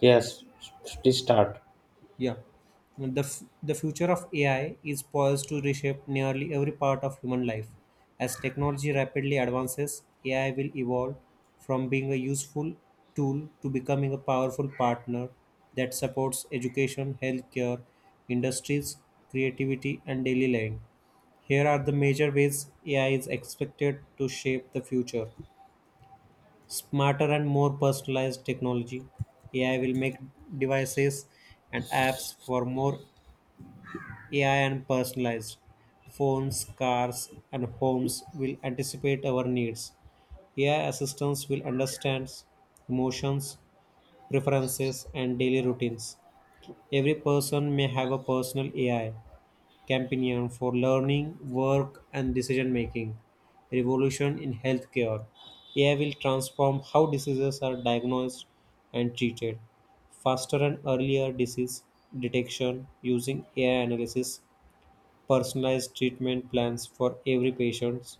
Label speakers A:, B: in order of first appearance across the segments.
A: Yes, please start.
B: Yeah. The future of AI is poised to reshape nearly every part of human life. As technology rapidly advances, AI will evolve from being a useful tool to becoming a powerful partner that supports education, healthcare, industries, creativity, and daily life. Here are the major ways AI is expected to shape the future. Smarter and more personalized technology. AI will make devices and apps for more AI and personalized. Phones, cars, and homes will anticipate our needs. AI assistants will understand emotions, preferences, and daily routines. Every person may have a personal AI companion for learning, work, and decision making. Revolution in healthcare. AI will transform how diseases are diagnosed and treated faster and earlier disease detection using AI analysis personalized treatment plans for every patient,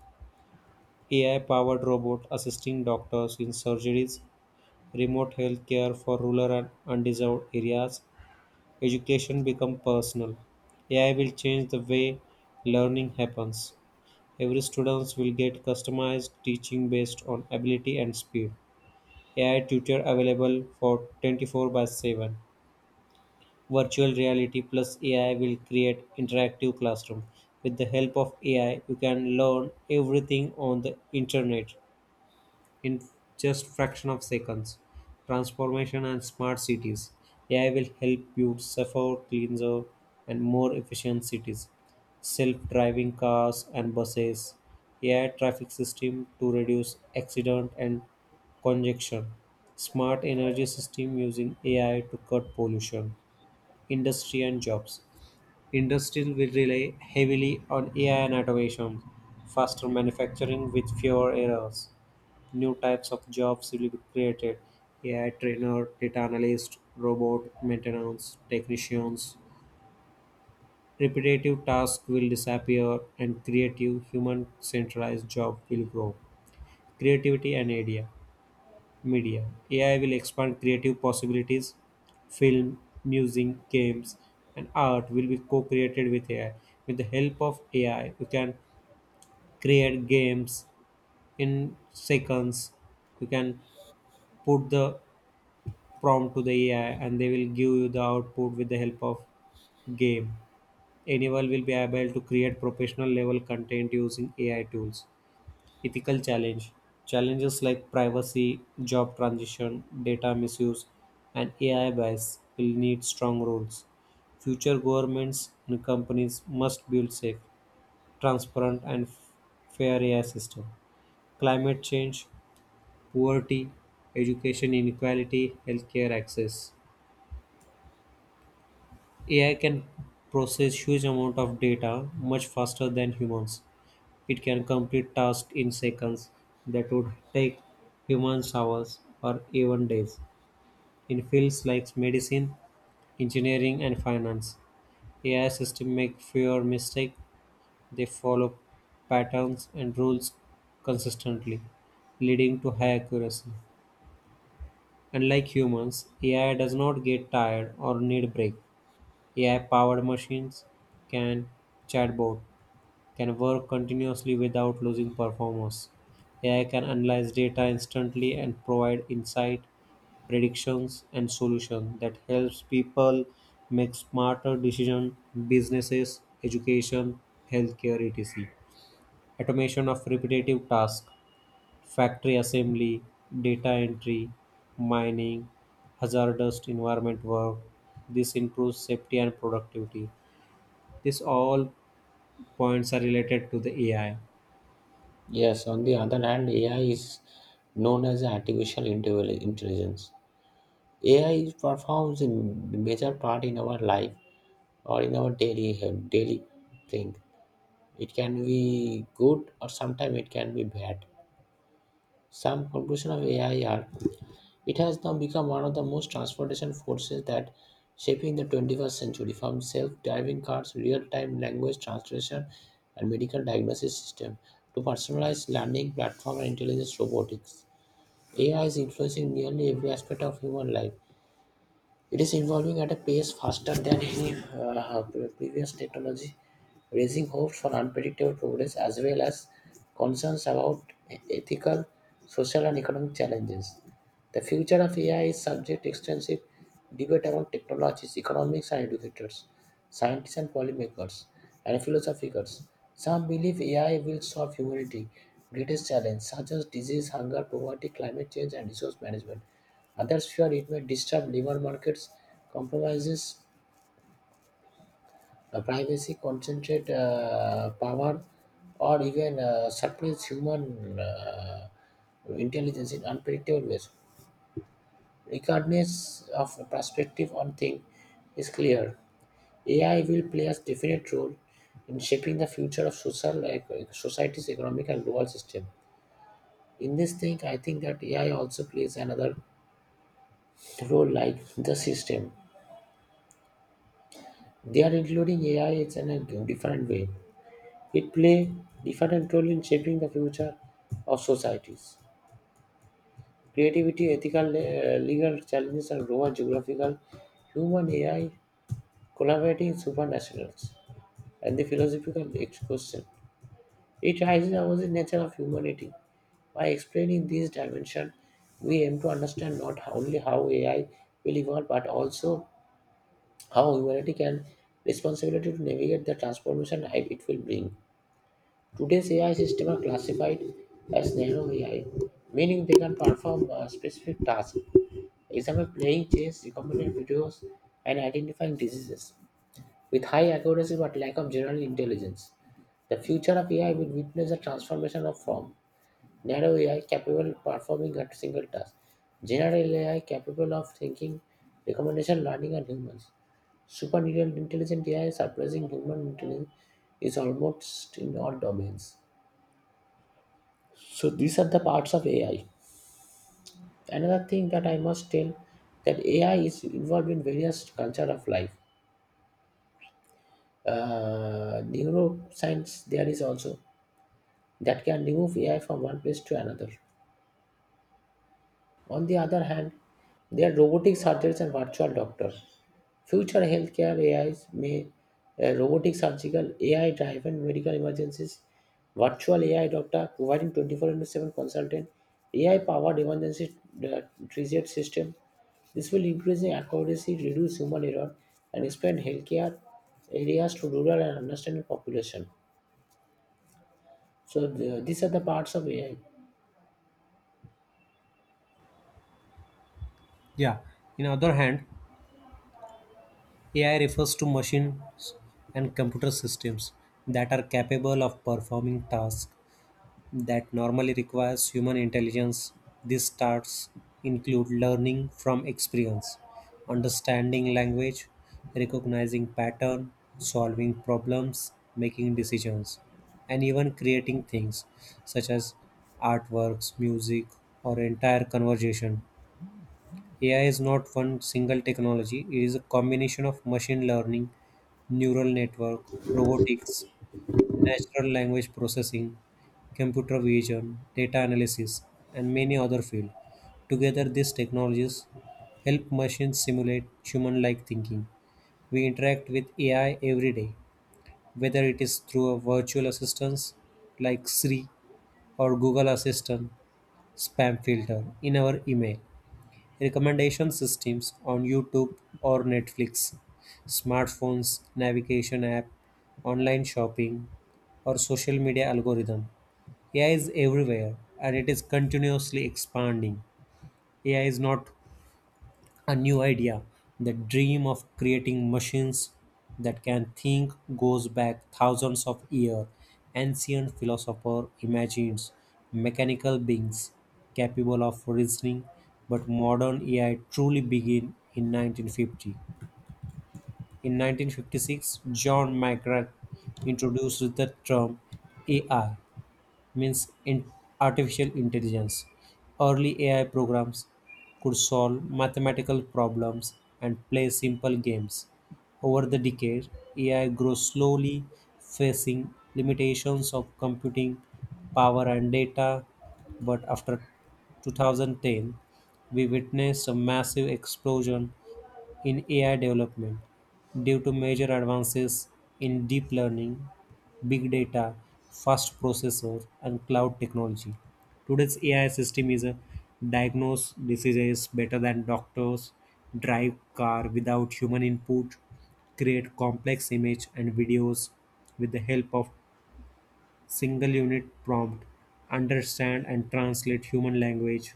B: AI powered robot assisting doctors in surgeries, remote healthcare for rural and undeserved areas, education become personal. AI will change the way learning happens. Every student will get customized teaching based on ability and speed. AI tutor available for 24 by 7. Virtual reality plus AI will create interactive classroom. With the help of AI, you can learn everything on the internet in just fraction of seconds. Transformation and smart cities. AI will help build safer, cleaner, and more efficient cities. Self-driving cars and buses. AI traffic system to reduce accident and congestion. Smart energy system using AI to cut pollution industry and jobs. Industry will rely heavily on AI and automation, faster manufacturing with fewer errors. New types of jobs will be created AI trainer, data analyst, robot maintenance, technicians. Repetitive tasks will disappear and creative human centralized job will grow. Creativity and idea. Media AI will expand creative possibilities. Film, music, games, and art will be co created with AI. With the help of AI, you can create games in seconds. You can put the prompt to the AI and they will give you the output with the help of game. Anyone will be able to create professional level content using AI tools. Ethical challenge. Challenges like privacy, job transition, data misuse, and AI bias will need strong rules. Future governments and companies must build safe, transparent, and fair AI system. Climate change, poverty, education inequality, healthcare access. AI can process huge amount of data much faster than humans. It can complete tasks in seconds that would take humans hours or even days. In fields like medicine, engineering, and finance, AI systems make fewer mistakes. They follow patterns and rules consistently, leading to high accuracy. Unlike humans, AI does not get tired or need break. AI-powered machines can chatbot can work continuously without losing performance. AI can analyze data instantly and provide insight, predictions, and solutions that helps people make smarter decisions, businesses, education, healthcare, etc. Automation of repetitive tasks, factory assembly, data entry, mining, hazardous environment work. This improves safety and productivity. These all points are related to the AI.
A: Yes, on the other hand, AI is known as artificial intelligence. AI performs a major part in our life or in our daily thing. It can be good, or sometimes it can be bad. Some conclusion of AI are, it has now become one of the most transportation forces that shaping the 21st century, from self-driving cars, real-time language translation, and medical diagnosis system to personalized learning platform and intelligence robotics. AI is influencing nearly every aspect of human life. It is evolving at a pace faster than any previous technology, raising hopes for unpredictable progress as well as concerns about ethical, social, and economic challenges. The future of AI is subject to extensive debate among technologists, economists, and educators, scientists and policymakers, and philosophers. Some believe AI will solve humanity's greatest challenges, such as disease, hunger, poverty, climate change, and resource management. Others fear it may disturb labor markets, compromises privacy, concentrate power, or even suppress human intelligence in unpredictable ways. Regardless of the perspective on thing is clear, AI will play a definite role in shaping the future of society's economic and global system. In this thing, I think that AI also plays another role like the system. They are including AI is in a different way. It play different role in shaping the future of societies. Creativity, ethical, legal challenges, and global geographical human AI collaborating supranationals. And the question. It raises about the nature of humanity. By explaining these dimensions, we aim to understand not only how AI will evolve, but also how humanity can responsibility to navigate the transformation it will bring. Today's AI systems are classified as narrow AI, meaning they can perform specific tasks, example playing chess, recommended videos, and identifying diseases. With high accuracy but lack of general intelligence, the future of AI will witness a transformation of form. Narrow AI capable of performing a single task, general AI capable of thinking, recommendation, learning, and humans. Supernatural intelligent AI surpassing human intelligence is almost in all domains. So these are the parts of AI. Another thing that I must tell that AI is involved in various culture of life. Neuroscience there is also that can remove AI from one place to another. On the other hand, there are robotic surgeons and virtual doctors. Future healthcare AIs may robotic surgical AI driven medical emergencies, virtual AI doctor providing 24 into 7 consultant, AI powered emergency uh, triage system. This will increase the accuracy, reduce human error, and expand healthcare areas to rural and understanding population. So these are the parts of AI.
B: Yeah. In other hand, AI refers to machines and computer systems that are capable of performing tasks that normally requires human intelligence. These tasks include learning from experience, understanding language, recognizing pattern, solving problems, making decisions, and even creating things such as artworks, music, or entire conversation. AI is not one single technology, it is a combination of machine learning, neural network, robotics, natural language processing, computer vision, data analysis, and many other fields. Together, these technologies help machines simulate human like thinking. We interact with AI every day, whether it is through a virtual assistants like Siri or Google Assistant spam filter in our email recommendation systems on YouTube or Netflix, smartphones, navigation app, online shopping, or social media algorithm. AI is everywhere and it is continuously expanding. AI is not a new idea. The dream of creating machines that can think goes back thousands of years. Ancient philosopher imagines mechanical beings capable of reasoning, but modern AI truly began in 1950. In 1956, John McGrath introduced the term AI means in artificial intelligence. Early AI programs could solve mathematical problems and play simple games. Over the decade, AI grew slowly, facing limitations of computing power and data. But after 2010, we witnessed a massive explosion in AI development due to major advances in deep learning, big data, fast processors, and cloud technology. Today's AI system is a diagnose diseases better than doctors, drive car without human input, create complex image and videos with the help of single unit prompt, understand and translate human language,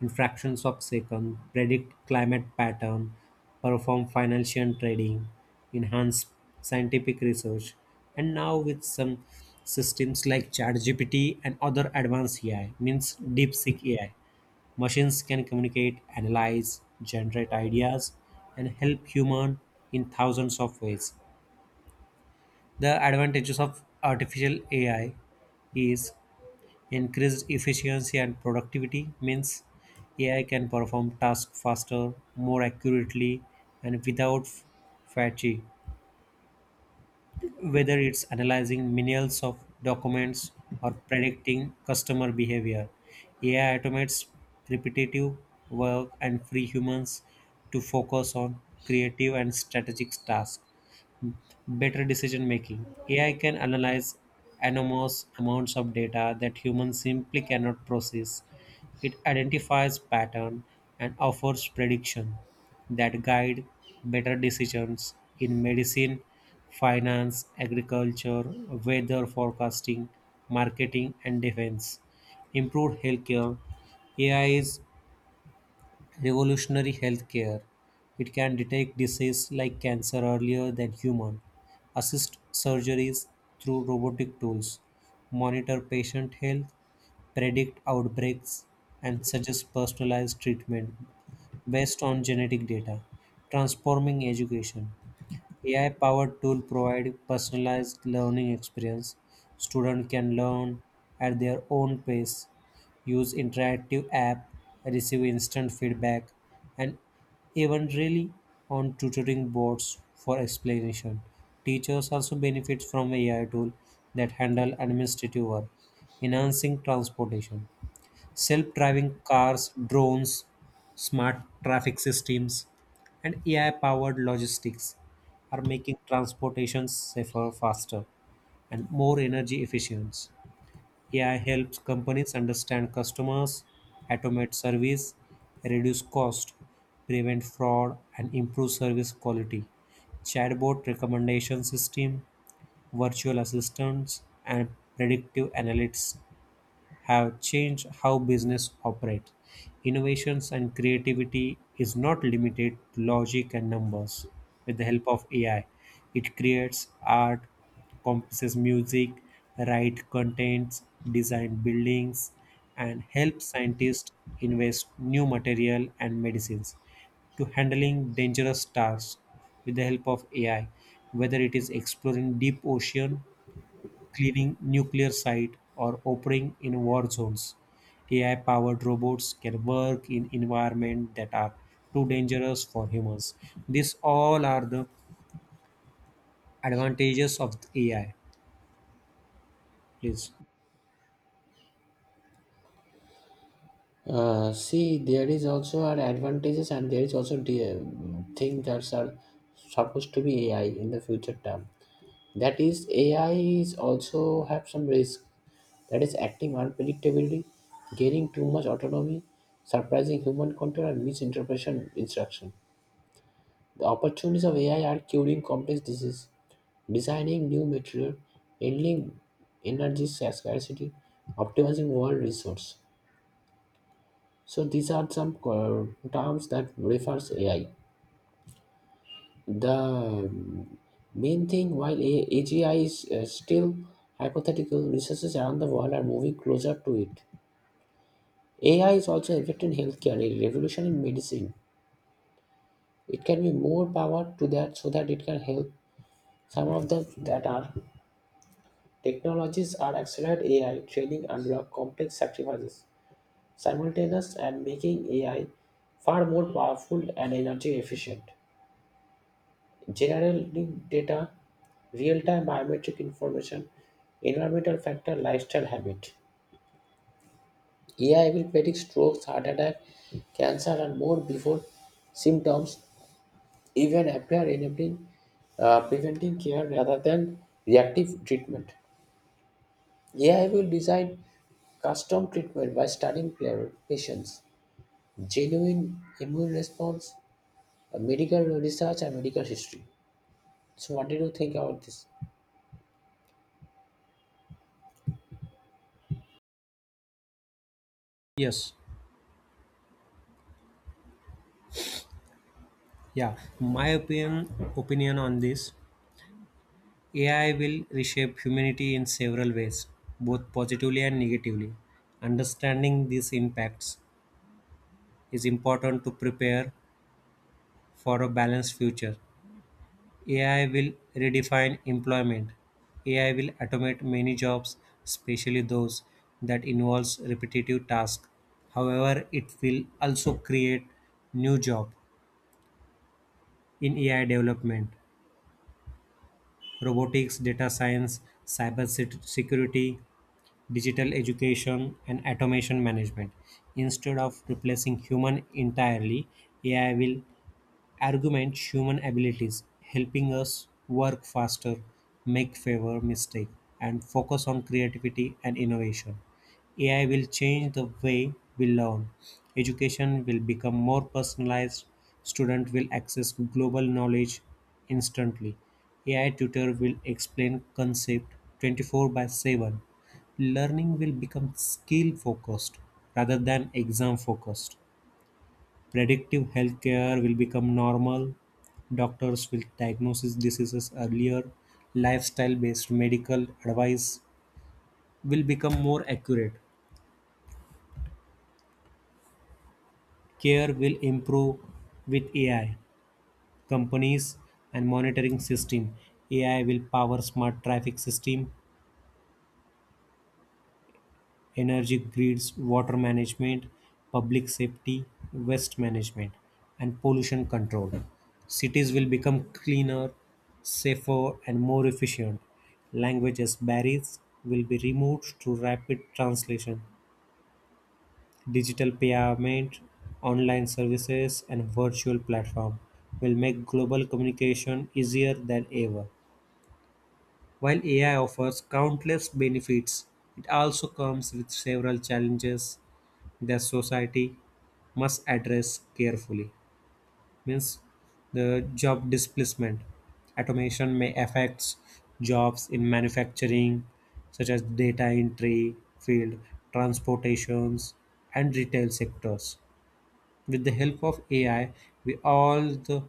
B: in fractions of second, predict climate pattern, perform financial trading, enhance scientific research, and now with some systems like ChatGPT and other advanced AI, means DeepSeek AI, machines can communicate, analyze, generate ideas, and help human in thousands of ways. The advantages of artificial AI is Increased efficiency and productivity means AI can perform tasks faster, more accurately, and without fatigue. Whether it's analyzing millions of documents or predicting customer behavior, AI automates repetitive work and free humans to focus on creative and strategic tasks better decision making. AI can analyze enormous amounts of data that humans simply cannot process. It identifies pattern and offers prediction that guide better decisions in medicine, finance, agriculture, weather forecasting, marketing and defense. Improved healthcare. AI is revolutionary healthcare. It can detect disease like cancer earlier than human, assist surgeries through robotic tools, monitor patient health, predict outbreaks, and suggest personalized treatment based on genetic data, transforming education. AI-powered tool provide personalized learning experience. Student can learn at their own pace, use interactive app, receive instant feedback, and even really on tutoring boards for explanation. Teachers also benefit from AI tool that handle administrative work, enhancing transportation self-driving cars, drones, smart traffic systems, and AI-powered logistics are making transportation safer, faster, and more energy efficient. AI helps companies understand customers, automate service, reduce cost, prevent fraud, and improve service quality. Chatbot recommendation system, virtual assistants, and predictive analytics have changed how business operates. Innovations and creativity is not limited to logic and numbers. With the help of AI, it creates art, composes music, write contents, design buildings, and helps scientists invest new material and medicines to handling dangerous stars with the help of AI, whether it is exploring deep ocean cleaning nuclear sites or operating in war zones. AI-powered robots can work in environments that are too dangerous for humans. These all are the advantages of AI. Please.
A: See, there is also our advantages, and there is also the thing that's are supposed to be AI in the future term. That is, AI is also have some risk. That is, acting unpredictably, gaining too much autonomy, surprising human control, and misinterpretation instruction. The opportunities of AI are curing complex disease, designing new material, handling energy scarcity, optimizing world resource. So these are some terms that refers AI. The main thing while AGI is still hypothetical, researchers around the world are moving closer to it. AI is also affecting healthcare, a revolution in medicine. It can be more power to that so that it can help some of the that are technologies are accelerate AI training unlock complex sacrifices simultaneous and making AI far more powerful and energy efficient. Generally, data, real-time biometric information, environmental factor, lifestyle habit. AI will predict strokes, heart attack, cancer, and more before symptoms even appear, enabling preventing care rather than reactive treatment. AI will design custom treatment by studying patients, genuine immune response, medical research, and medical history. So, what did you think about this?
B: Yes. Yeah. My opinion on this AI will reshape humanity in several ways, both positively and negatively. Understanding these impacts is important to prepare for a balanced future. AI will redefine employment. AI will automate many jobs, especially those that involves repetitive tasks. However, it will also create new jobs in AI development, robotics, data science, cyber security, digital education, and automation management. Instead of replacing human entirely, AI will argument human abilities, helping us work faster, make fewer mistakes, and focus on creativity and innovation. AI will change the way we learn. Education will become more personalized. Student will access global knowledge instantly. AI tutor will explain concept 24 by 7. Learning will become skill focused rather than exam focused. Predictive healthcare will become normal. Doctors will diagnose diseases earlier. Lifestyle based medical advice will become more accurate. Care will improve with AI, companies, and monitoring system. AI will power smart traffic system energy grids, water management, public safety, waste management, and pollution control. Cities will become cleaner, safer, and more efficient. Language as barriers will be removed through rapid translation, digital payment, online services, and virtual platform will make global communication easier than ever. While AI offers countless benefits, it also comes with several challenges the society must address carefully means the job displacement automation may affect jobs in manufacturing such as data entry field transportations and retail sectors with the help of ai we all the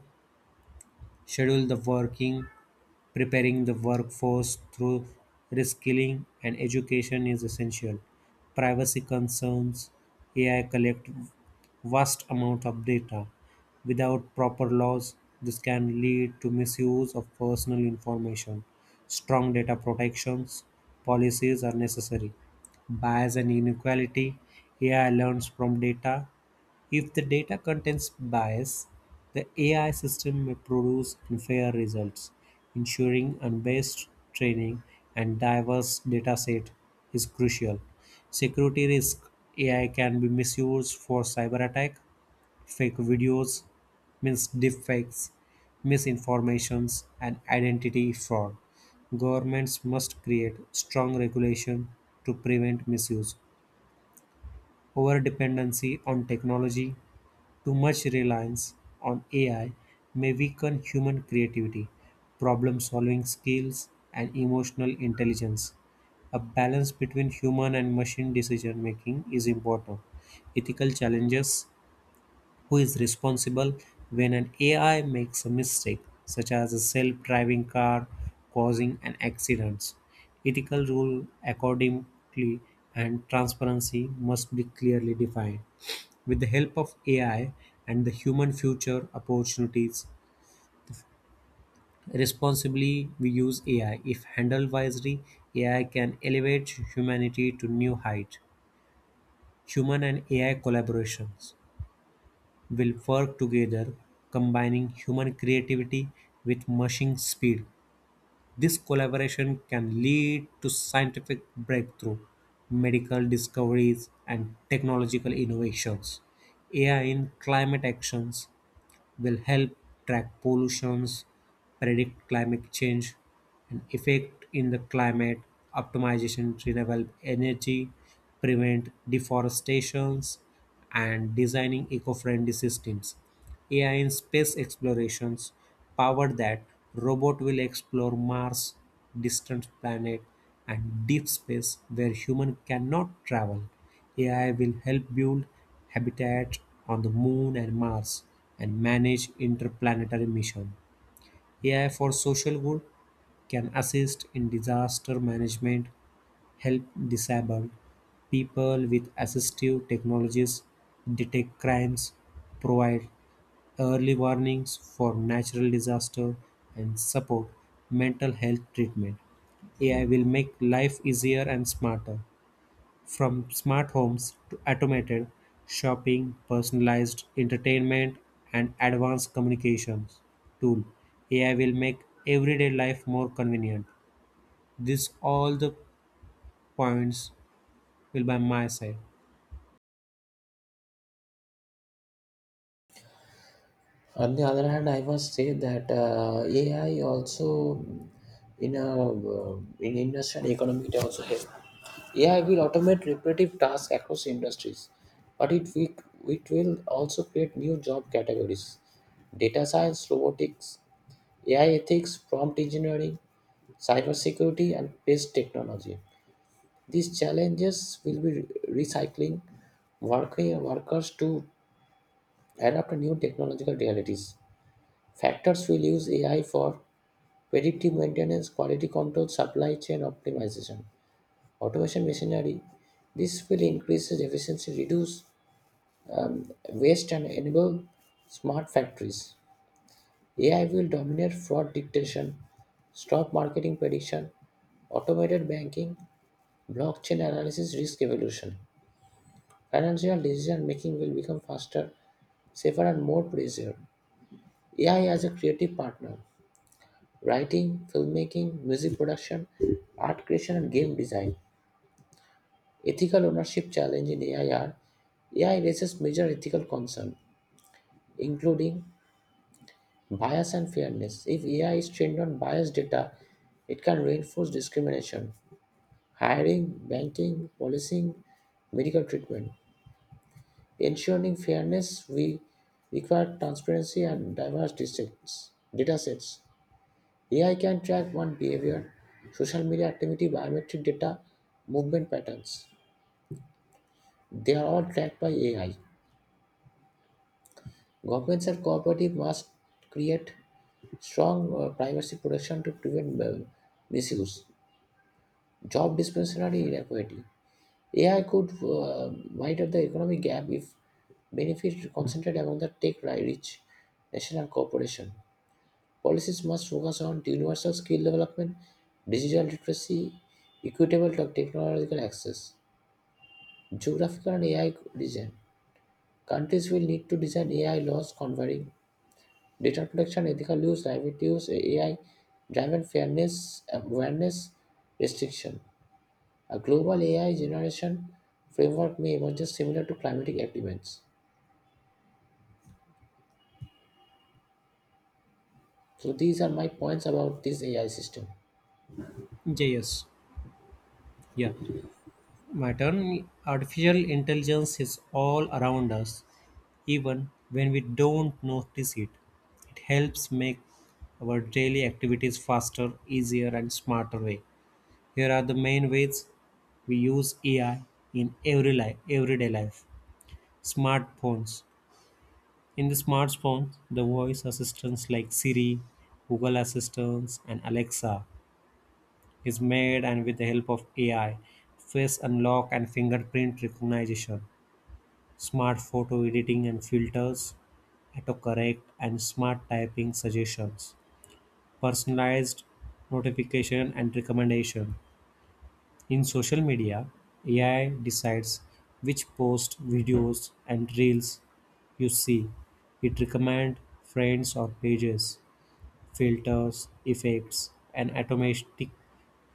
B: schedule the working preparing the workforce through reskilling and education is essential privacy concerns ai collect vast amount of data. Without proper laws, this can lead to misuse of personal information. Strong data protections policies are necessary. Bias and inequality AI learns from data if the data contains bias, the AI system may produce unfair results. Ensuring unbiased training and diverse dataset is crucial. Security risk AI can be misused for cyber attack, fake videos, means deepfakes, misinformations, and identity fraud. Governments must create strong regulation to prevent misuse. Over dependency on technology too much reliance on AI may weaken human creativity, problem solving skills, and emotional intelligence. A balance between human and machine decision making is important. Ethical challenges who is responsible when an AI makes a mistake, such as a self driving car causing an accident? Ethical rule accordingly and transparency must be clearly defined with the help of AI and the human future opportunities. Responsibly, we use AI. If handled wisely, AI can elevate humanity to new height. Human and AI collaborations will work together, combining human creativity with machine speed. This collaboration can lead to scientific breakthrough, medical discoveries, and technological innovations. AI in climate actions will help track pollutions, predict climate change and effect in the climate, optimization renewable energy, prevent deforestations, and designing eco-friendly systems. AI in space explorations power that robot will explore Mars, distant planet, and deep space where human cannot travel. AI will help build habitat on the Moon and Mars, and manage interplanetary missions. AI for social good can assist in disaster management, help disabled people with assistive technologies, detect crimes, provide early warnings for natural disaster, and support mental health treatment. AI will make life easier and smarter. From smart homes to automated shopping, personalized entertainment, and advanced communications tool, AI will make everyday life more convenient. This all the points will by my side.
A: On the other hand, I must say that AI also in industrial economy it also help. AI will automate repetitive tasks across industries, but it will also create new job categories: data science, robotics, AI ethics, prompt engineering, cybersecurity, and pest technology. These challenges will be recycling working workers to adapt to new technological realities. Factors will use AI for predictive maintenance, quality control, supply chain optimization, automation machinery. This will increase efficiency, reduce waste, and enable smart factories. AI will dominate fraud detection, stock marketing prediction, automated banking, blockchain analysis, risk evolution. Financial decision making will become faster, safer, and more precise. AI as a creative partner. Writing, filmmaking, music production, art creation, and game design. Ethical ownership challenge in AI are, AI raises major ethical concerns, including bias and fairness. If AI is trained on biased data, it can reinforce discrimination. Hiring, banking, policing, medical treatment. Ensuring fairness, we require transparency and diverse data sets. AI can track one behavior, social media activity, biometric data, movement patterns. They are all tracked by AI. Governments and cooperatives must create strong privacy protection to prevent misuse. Job dispensary inequality. AI could widen the economic gap if benefits concentrated among the tech-rich national corporation. Policies must focus on universal skill development, digital literacy, equitable technological access, geographical and AI design. Countries will need to design AI laws covering data protection, ethical use, private use, AI driven fairness, awareness, restriction. A global AI generation framework may emerge similar to climatic agreements. So these are my points about this AI system.
B: Yeah, Yes, yeah. My turn. Artificial intelligence is all around us, even when we don't notice it. It helps make our daily activities faster, easier, and smarter way. Here are the main ways we use AI in every life, everyday life. Smartphones. In the smartphones, the voice assistants like Siri, Google Assistants, and Alexa is made and with the help of AI, face unlock and fingerprint recognition, smart photo editing and filters, autocorrect and smart typing suggestions, personalized notification and recommendation. In social media, AI decides which posts, videos, and reels you see. It recommends friends or pages, filters, effects, and automatic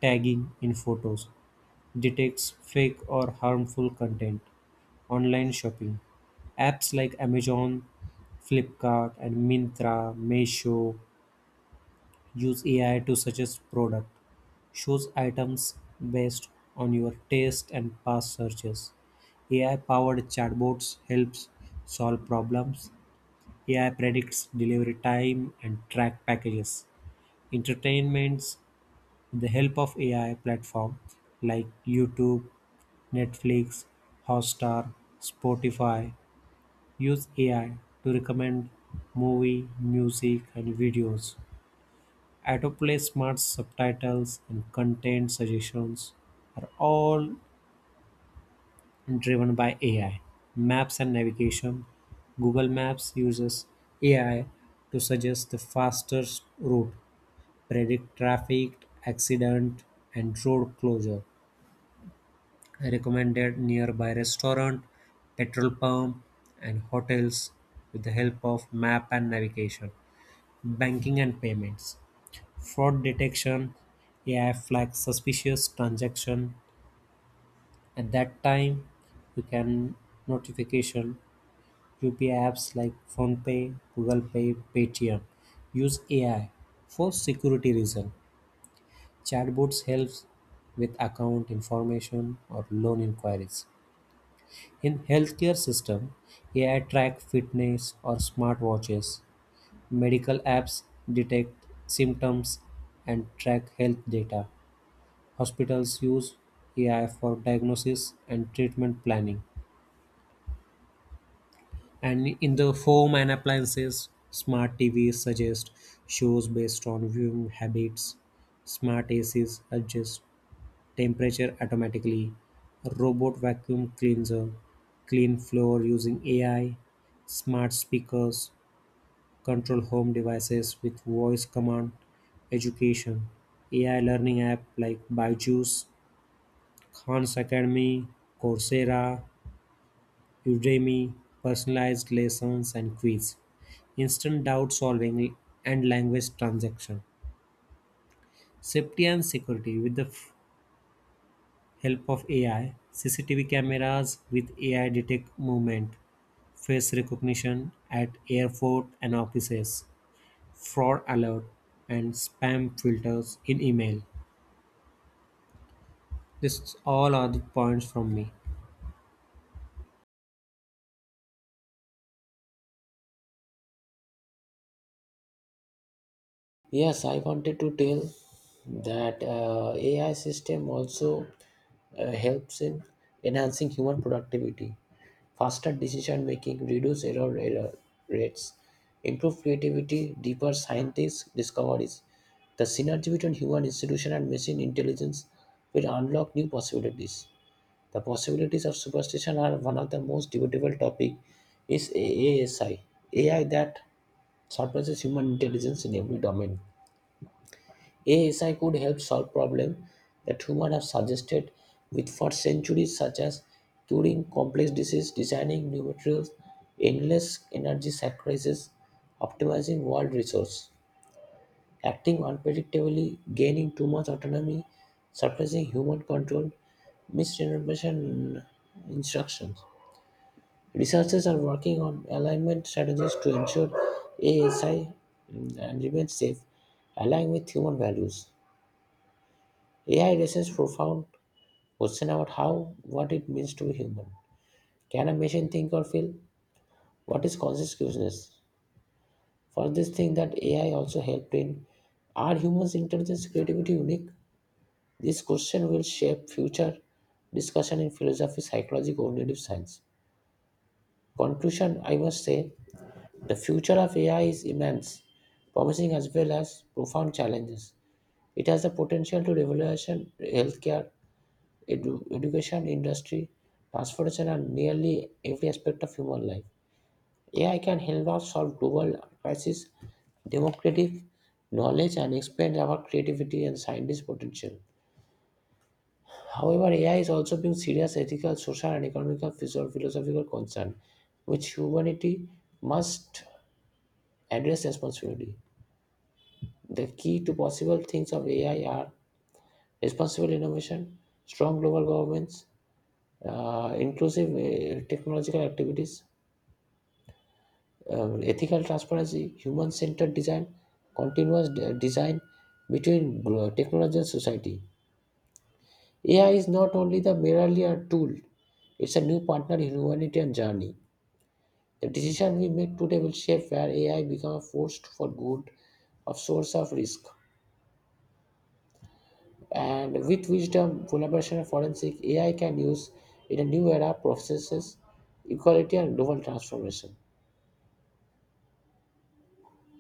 B: tagging in photos, detects fake or harmful content, online shopping. Apps like Amazon, Flipkart, and Mintra, Meesho Use AI to suggest product. Choose items based on your taste and past searches. AI powered chatbots helps solve problems. AI predicts delivery time and track packages. Entertainments with the help of AI platform like YouTube, Netflix, Hotstar, Spotify use AI to recommend movie, music and videos. Autoplay, smart subtitles, and content suggestions are all driven by AI. Maps and navigation. Google Maps uses AI to suggest the fastest route, predict traffic, accident, and road closure, recommended nearby restaurant, petrol pump, and hotels with the help of map and navigation. Banking and payments. Fraud detection, AI flags suspicious transaction. At that time, you can notification UPI apps like PhonePay, Google Pay, Paytm use AI for security reason. Chatbots helps with account information or loan inquiries. In healthcare system, AI track fitness or smartwatches. Medical apps detect symptoms and track health data. Hospitals use AI for diagnosis and treatment planning. And in the home and appliances, smart TVs suggest shows based on viewing habits. Smart ACs adjust temperature automatically. Robot vacuum cleanser clean floor using AI. Smart speakers control home devices with voice command. Education AI learning app like Byju's Khan's Academy, Coursera, Udemy, personalized lessons and quiz, instant doubt solving, and language transaction. Safety and security with the help of AI, CCTV cameras with AI detect movement, face recognition at airport and offices, fraud alert, and spam filters in email. This all are the points from me.
A: Yes, I wanted to tell that AI system also helps in enhancing human productivity, faster decision making, reduce error rates, improve creativity, deeper scientific discoveries. The synergy between human institution and machine intelligence will unlock new possibilities. The possibilities of superstition are one of the most debatable topic is AASI, AI that surpasses human intelligence in every domain. ASI could help solve problems that humans have suggested with for centuries, such as curing complex diseases, designing new materials, endless energy sacrifices, optimizing world resources, acting unpredictably, gaining too much autonomy, suppressing human control, misinformation instructions. Researchers are working on alignment strategies to ensure ASI and remains safe, aligned with human values. AI raises profound question about how what it means to be human. Can a machine think or feel? What is consciousness? For this thing that AI also helped in, are humans' intelligence creativity unique? This question will shape future discussion in philosophy, psychology, cognitive science. Conclusion, I must say the future of AI is immense, promising as well as profound challenges. It has the potential to revolution healthcare, education industry, transportation, and nearly every aspect of human life. AI can help us solve global crises, democratic knowledge, and expand our creativity and scientist potential. However, AI is also being serious ethical, social, and economical philosophical concern, which humanity must address responsibility. The key to possible things of AI are responsible innovation, strong global governments, inclusive technological activities, ethical transparency, human centered design, continuous design between technology and society. AI is not only the merely a tool, it's a new partner in humanitarian journey. The decision we make today will shape where AI becomes a force for good, a source of risk. And with wisdom, collaboration, and forensic, AI can use in a new era processes, equality, and global transformation.